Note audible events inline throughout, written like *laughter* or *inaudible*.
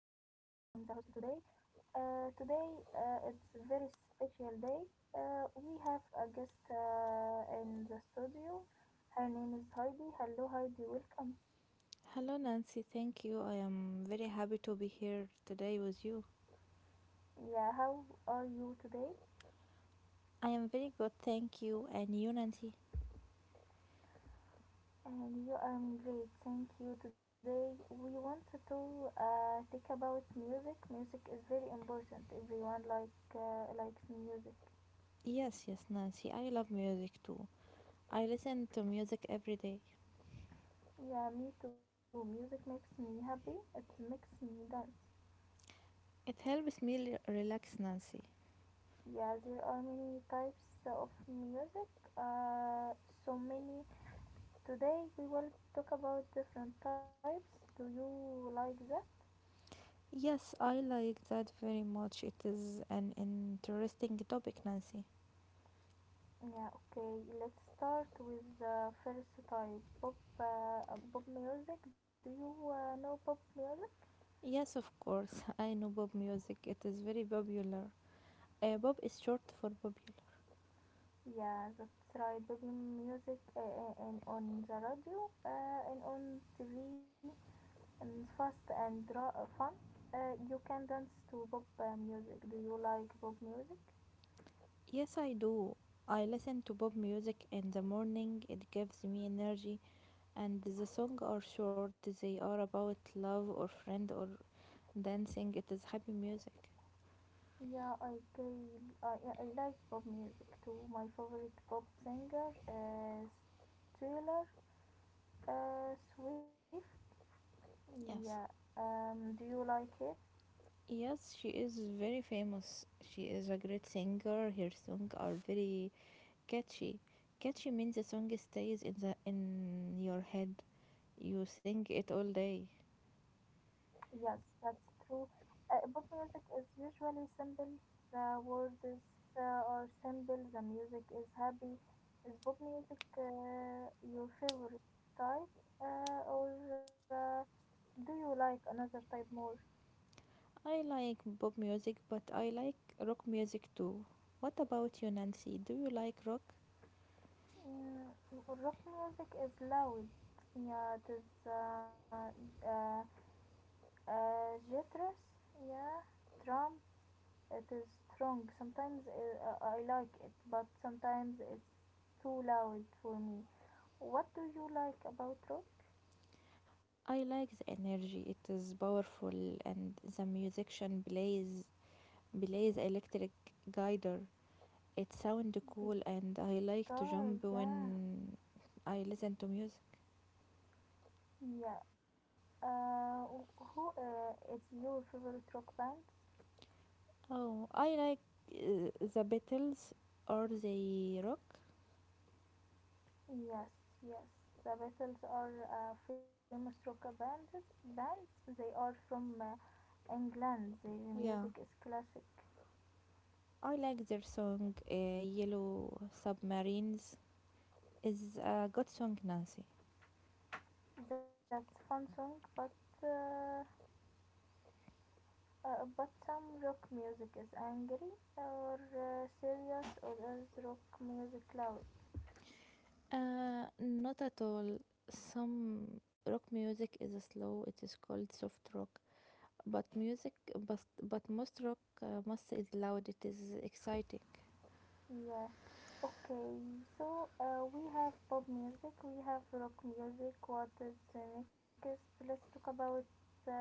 host today. Today it's a very special day. We have a guest in the studio. Her name is Heidi. Hello, Heidi. Welcome. Hello, Nancy. Thank you. I am very happy to be here today with you. Yeah, how are you today? I am very good, thank you. And you, Nancy? And you are great. Thank you. Today we wanted to talk about music. Music is very important. Everyone like likes music. Yes, yes, Nancy. I love music too. I listen to music every day. Yeah, me too. Music makes me happy. It makes me dance. It helps me relax, Nancy. Yeah, there are many types of music. Uh, so many. Today we will talk about different types. Do you like that? Yes, I like that very much. It is an interesting topic, Nancy. Yeah, okay. Let's start with the first type, pop, pop music. Do you know pop music? Yes, of course. *laughs* I know Bob music. It is very popular. Bob is short for popular. Yeah, that's right. Pop music and on the radio and on TV and fast and draw fun. You can dance to pop music. Do you like pop music? Yes, I do. I listen to Bob music in the morning. It gives me energy. And the song are short, they are about love or friend or dancing. It is happy music. Yeah, I, ca- I like pop music too. My favorite pop singer is Taylor Swift. Yeah. Yes. Do you like her? Yes, she is very famous, she is a great singer. Her songs are very catchy. Catchy means the song stays in the in your head, you sing it all day. Yes, that's true. Pop music is usually simple. The words are simple. The music is happy. Is pop music your favorite type, or do you like another type more? I like pop music, but I like rock music too. What about you, Nancy? Do you like rock? Mm, rock music is loud. Yeah, it is jitterous. Yeah, drum, it is strong. Sometimes I like it, but sometimes it's too loud for me. What do you like about rock? I like the energy, it is powerful, and the musician plays Blaze electric guitar. It sound cool and I like to Guitar, jump yeah, when I listen to music. yeah. Uh, who is your favorite rock band? Oh, I like the Beatles or the rock. Yes, yes. The Beatles are a famous rock band. They are from England. Their Yeah, music is classic. I like their song Yellow Submarines. Is a good song, Nancy. That's fun song, but. Uh, but some rock music is angry or serious, or is rock music loud? Not at all. Some rock music is slow. It is called soft rock. But music, but most rock must is loud. It is exciting. Yeah. Okay, so we have pop music, we have rock music. What is next? Let's talk about uh,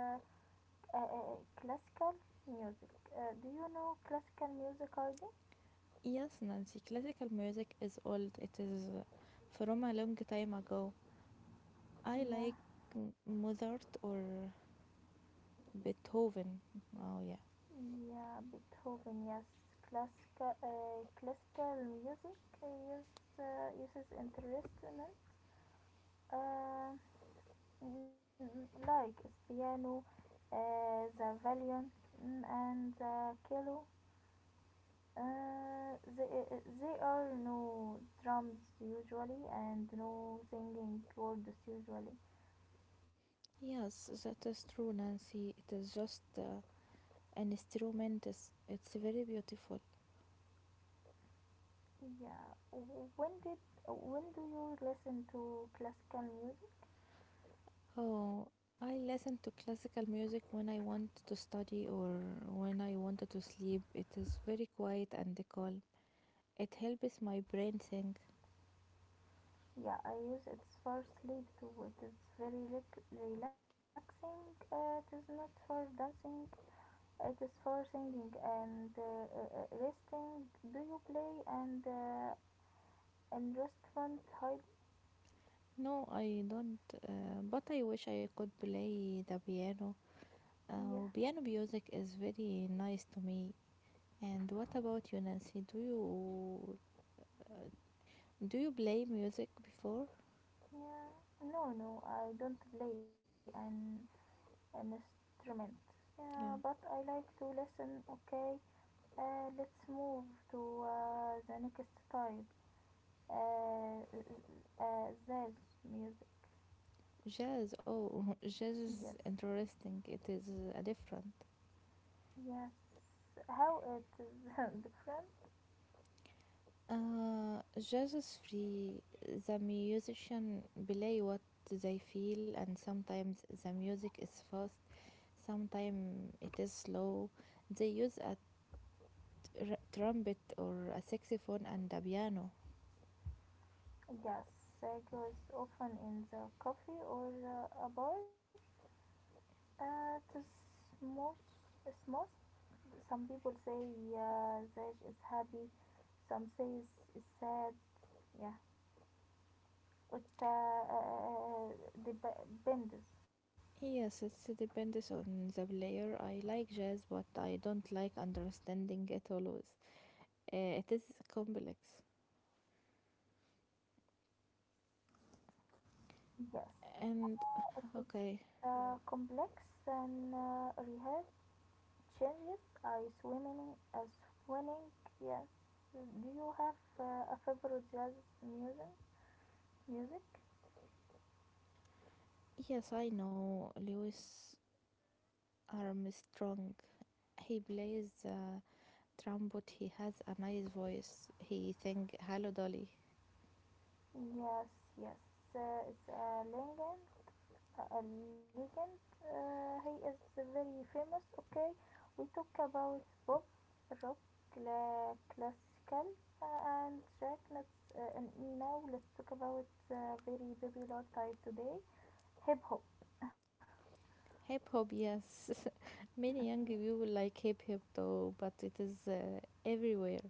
classical music. Do you know classical music, ID? Yes, Nancy, classical music is old. It is from a long time ago. I Yeah, like Mozart or Beethoven. Oh, yeah. yeah, Beethoven. Yes, classical music is uses instruments. Uh, mm, like Spiano, the Valiant, mm, and the Kilo. They are no drums usually and no singing chords usually. Yes, that is true, Nancy. It is just an instrument. It's very beautiful. Yeah. When did when do you listen to classical music? Oh, I listen to classical music when I want to study or when I wanted to sleep. It is very quiet and calm. It helps my brain think. Yeah, I use it for sleep too. It is very relaxing. It is not for dancing. It is for singing and resting. Do you play and an instrument? Hi- No, I don't, but I wish I could play the piano. yeah, Piano music is very nice to me. And what about you, Nancy? Uh, do you play music before? yeah. No, no, I don't play an instrument. Yeah, but Yeah, I like to listen. Okay, let's move to the next type. Jazz music. jazz. Oh, *laughs* jazz Yes, is interesting. It is different. yes. How it is *laughs* different? Jazz is free. The musician play what they feel, and sometimes the music is fast. Sometimes it is slow. They use a trumpet or a saxophone and a piano. Yes, I goes often in the coffee or a bar to smooth. Smooth. Some people say Zaj is happy. Some say it's sad. Yeah, it depends. Yes, it depends on the player. I like jazz, but I don't like understanding it always. It is complex. Yes, And it is okay, complex and rehab changes. I swimming. Swimming. Yes. Do you have a favorite jazz music? music? yes, I know Louis Armstrong. He plays the trumpet. He has a nice voice. He sing "Hello Dolly." Yes, yes, it's a legend. He is very famous. Okay, we talk about pop, rock, classical, and track. Let's and now let's talk about very popular type today, hip hop. *laughs* Hip hop, yes. *laughs* Many young people like hip hop though, but it is everywhere.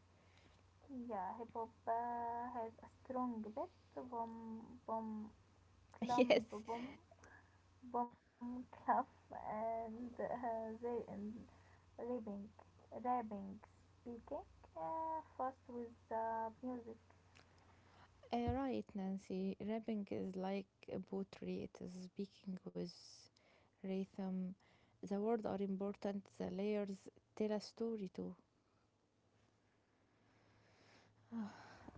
Yeah, hip hop has a strong beat, boom, boom, *laughs* Yes, boom, boom, clump, *laughs* and there and rapping, rapping, speaking first with the music. Right, Nancy. Rapping is like a poetry, it is speaking with rhythm. The words are important, the layers tell a story too.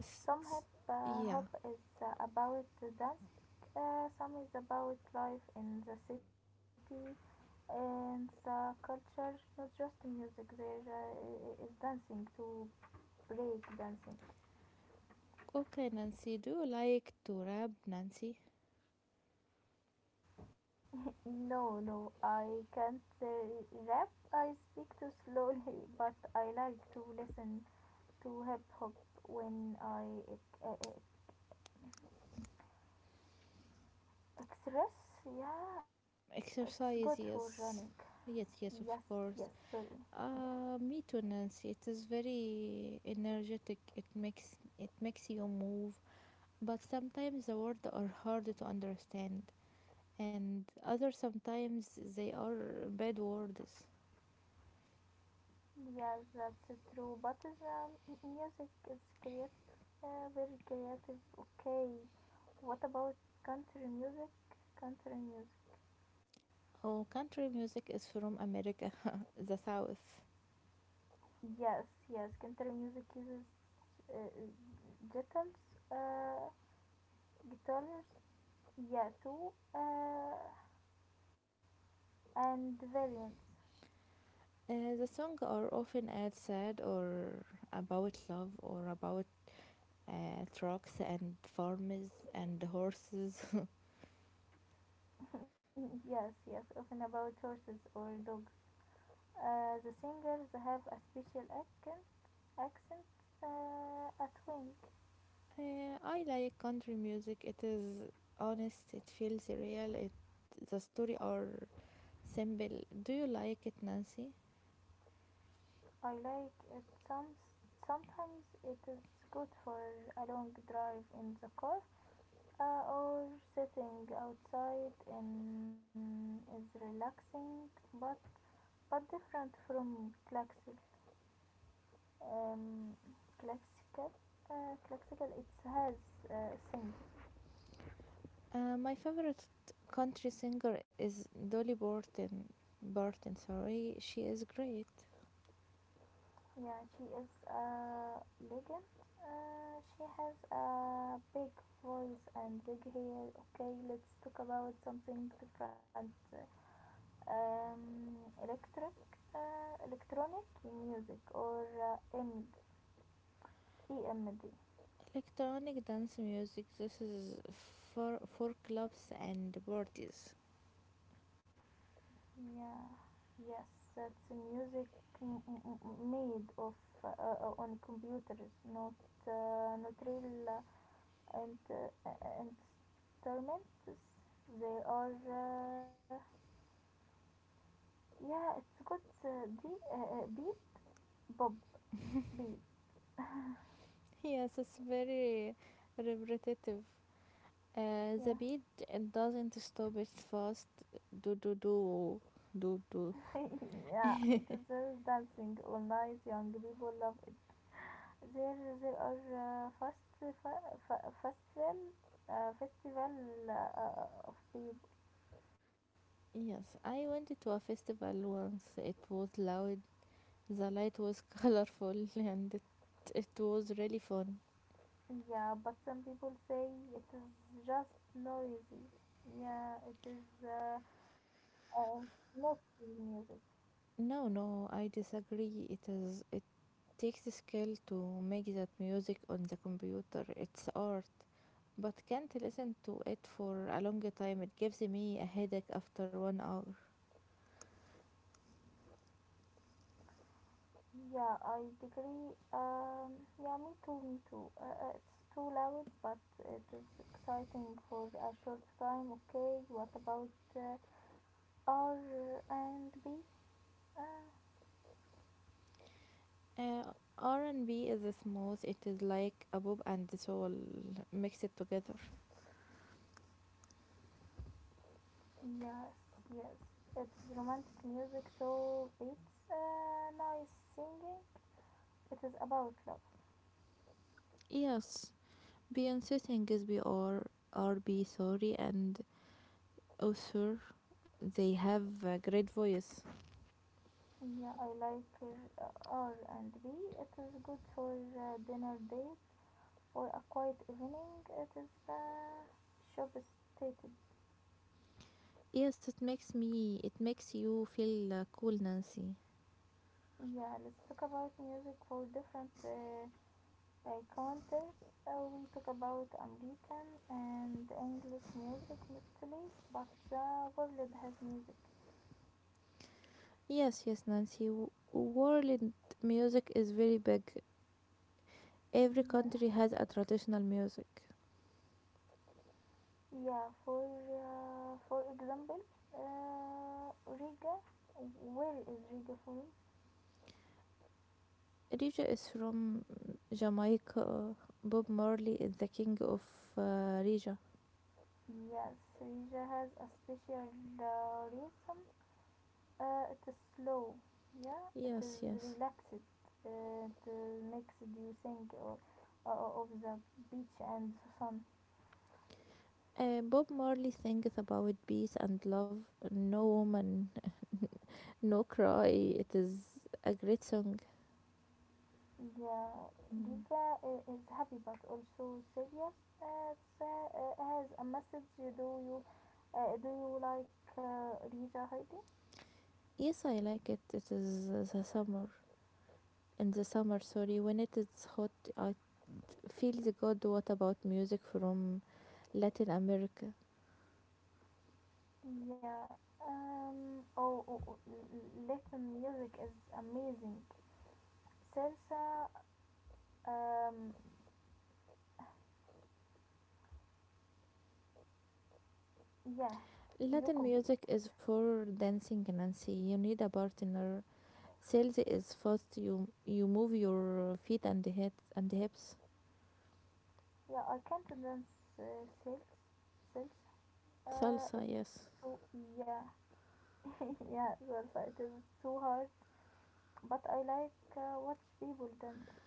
S- Some hip s- yeah. hop is about the dance, some is about life in the city and the culture, not just music. There is dancing to break dancing. *laughs* Okay, Nancy, do you like to rap, Nancy? No, no, I can't rap. I speak too slowly, *laughs* but I like to listen to hip hop when I uh, uh, express, yeah, it's good for running. Exercise, yes. Yes, Yes, yes, of yes, sorry. course. Yeah, Me too, Nancy. It is very energetic. It makes you move, but sometimes the words are hard to understand. And other sometimes they are bad words. yeah, that's true. But the music is creative, yeah, very creative. Okay, what about country music? Oh, country music is from America, *laughs* the South. Yes, yes, country music uses uh, guitars, uh, guitars, yeah, too, and violins. The songs are often ad sad or about love or about trucks and farms and horses. *laughs* *laughs* Yes, yes, often about horses or dogs. The singers have a special accent at wing. I like country music. It is honest. It feels real. It the story are simple. Do you like it, Nancy? I like it. Sometimes it is good for a long drive in the car or sitting outside and is relaxing, but different from classical. Um, classical, classical. It has sing. My favorite country singer is Dolly Parton. Parton, sorry, she is great. Yeah, she is a legend. She has a big voice and big hair. Okay, let's talk about something different. Um, electric, Electronic music or EMD. EMD. Electronic dance music. This is for clubs and parties. Yeah, yes, that's music made of on computers, not not real. And uh, and tormentus. They are yeah, it's good. The beep bob beep. *laughs* Yes, it's very repetitive. The Yeah, beat it doesn't stop. It's fast. Do do do do do. *laughs* yeah, it is just dancing all night. Young people love it. There are fast, fa- fa- festival, festival of people. Yes, I went to a festival once. It was loud. The light was *laughs* colorful, and it was really fun. Yeah, but some people say it is just noisy. Yeah, it is uh, not real music. No, no, I disagree. It takes skill to make that music on the computer. It's art. But can't listen to it for a longer time. It gives me a headache after 1 hour. Yeah, I agree. Yeah, me too, me too. It's too loud, but it is exciting for a short time. Okay, what about R and B? Uh, R&B is smooth. It is like a pop and soul mixed together. yes, yes. It's romantic music show beats, nice singing. It is about love. Yes, Beyonce sings BR, sorry, and Usher. They have a great voice. Yeah, I like R and B. It is good for dinner date or a quiet evening. It is shop stated. Yes, it makes you feel cool, Nancy. Yeah, let's talk about music for different countries. We talk about American and English music mostly, but the world has music. Yes, yes, Nancy. World music is very big. Every Yeah, country has a traditional music. yeah. For example, Riga. Where is Riga from? Rija is from Jamaica. Bob Marley is the king of uh, Rija. Yes, Riga has a special reason. It is slow. Yeah, it is Yes, yes. relaxed. It makes you think of of the beach and the sun. Bob Marley sings about peace and love. No woman, *laughs* no cry. It is a great song. Yeah, Mm. Giga is happy but also serious. It's, has a message. Do you like Rija, Heidi? Yes, I like it. It is the summer. In the summer, sorry, when it is hot, I feels good. What about music from Latin America? Yeah. Oh, Latin music is amazing. Salsa. Um. Yeah. You Latin complete. music is for dancing, Nancy. You need a partner. Salsa is fast. You move your feet and head and hips. Yeah, I can't dance uh, sales. sales. Salsa, It's yes. too yeah, *laughs* yeah. That's right. It *laughs* is too hard. But I like watch people dance.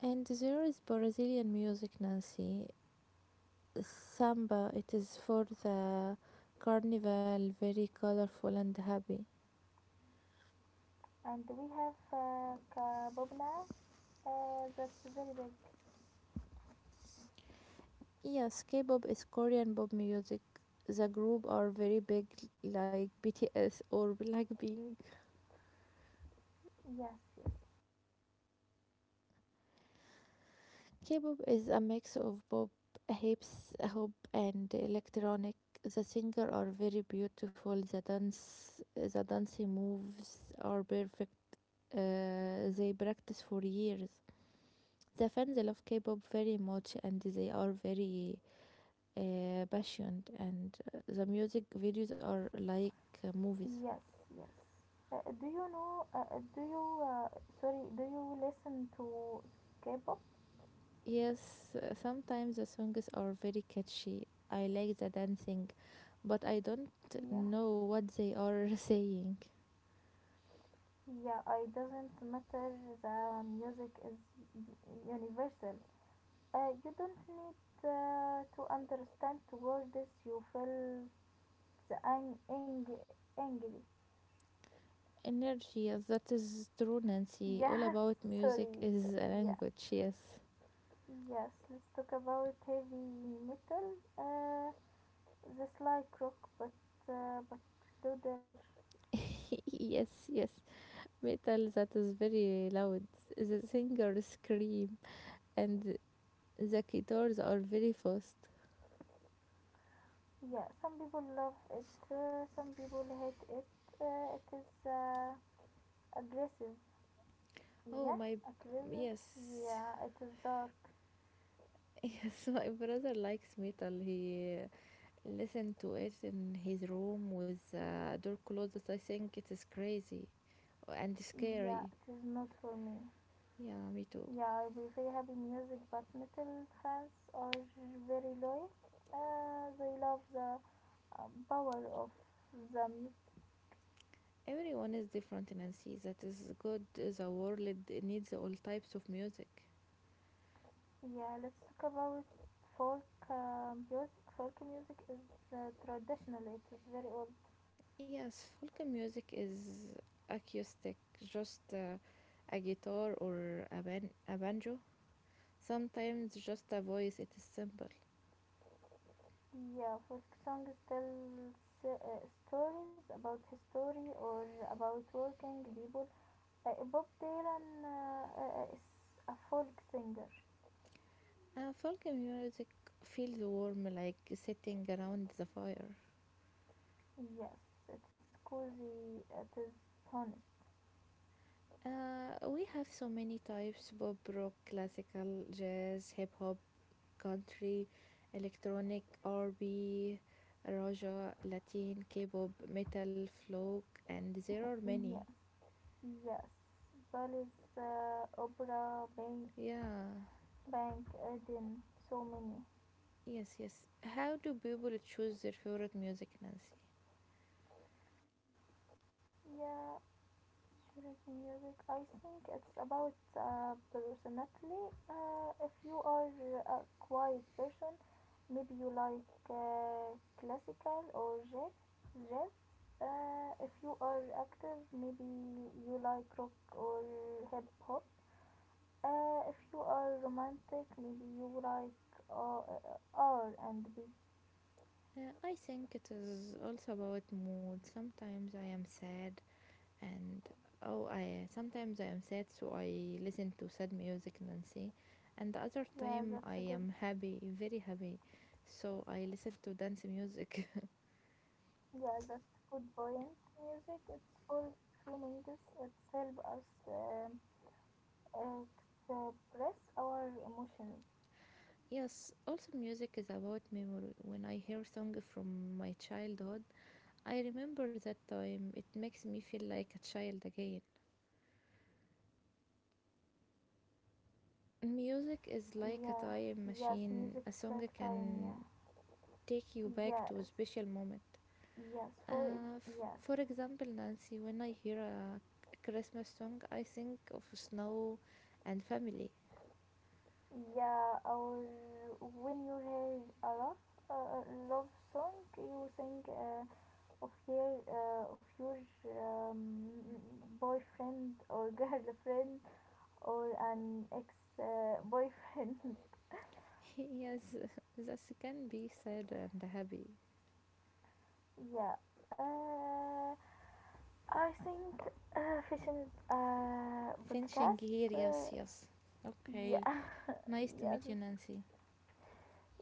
And there is Brazilian music, Nancy. Samba. It is for the carnival. Very colorful and happy. And we have kabobla. That's very big. Yes, K-pop is Korean pop music. The group are very big, like BTS or Blackpink. Yes, yes, K-pop is a mix of pop, hips, hop, and electronic. The singer are very beautiful. The dancing moves are perfect. They practice for years. The fans love K-pop very much, and they are very passionate. And the music videos are like movies. yes, yes. Do you know? Do you? Sorry. Do you listen to K-pop? Yes, sometimes the songs are very catchy. I like the dancing, but I don't Yeah. know what they are *laughs* saying. Yeah, it doesn't matter. The music is universal. You don't need to understand the word this. You feel the angry. Energy, yes, that is true, *laughs* Nancy. All Yes, about music sorry. is a Yeah, language, yes. yes. Let's talk about heavy metal. That's like rock, but louder. *laughs* Yes, yes. Metal that is very loud. The singers scream, and the guitars are very fast. Yeah, some people love it. Some people hate it. It is aggressive. Oh, Yeah, my. aggressive. Yes. Yeah, *laughs* it is dark. Yes, my brother likes metal. He listen to it in his room with door closed. I think it is crazy and Yeah, scary. it is not for me. Yeah, me too. Yeah, we very happy music, but metal fans are very loyal. They love the power of the music. Everyone is different, Nancy. That is good. The world needs all types of music. Yeah, let's talk about folk music. Folk music is traditional, it is very old. Yes, folk music is acoustic, just a guitar or a banjo. Sometimes just a voice, it is simple. Yeah, folk songs tell stories about history or about working people. Bob Dylan is a folk singer. And folk music feels warm, like sitting around the fire. Yes, it is cozy, it is honest. We have so many types: pop, rock, classical, jazz, hip hop, country, electronic, RB, Raja, Latin, K pop, metal, folk, and there are many. Yes, yes. Palace, opera, bank, Yeah, bank, Eden, so many. yes, yes. How do people choose their favorite music, Nancy? Yeah, Cherokee music. I think it's about personality. If you are a quiet person, maybe you like classical or jazz. If you are active, maybe you like rock or hip hop. If you are romantic, maybe you like R and B. I think it is also about mood. Sometimes I am sad, and oh, I sometimes I am sad, so I listen to sad music, Nancy. And the other Yeah, time I that's a good. am happy, very happy, so I listen to dance music. Yeah, that's a good point. Music, it's for feelings. It's help us um, express our emotions. *laughs* Yes, also music is about memory. When I hear song from my childhood, I remember that time. It makes me feel like a child again. Music is like a Yeah, time yes, machine. music A is song like time. can Yeah, take you back to a yes, special moment. yes, for yes, For example, Nancy, when I hear a Christmas song, I think of snow and family. yeah. Or when you hear a love song, you sing. Of your um, boyfriend or *laughs* girlfriend or an ex boyfriend *laughs* Yes, *laughs* this can be sad and happy. *laughs* yeah uh, I think fishing Finishing podcast here, yes, yes. Okay. yeah Nice *laughs* to yes meet you, Nancy.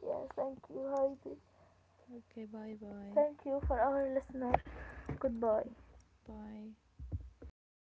yeah thank you, Heidi. Okay, bye bye. Thank you for our listener. Goodbye. Thank- Bye.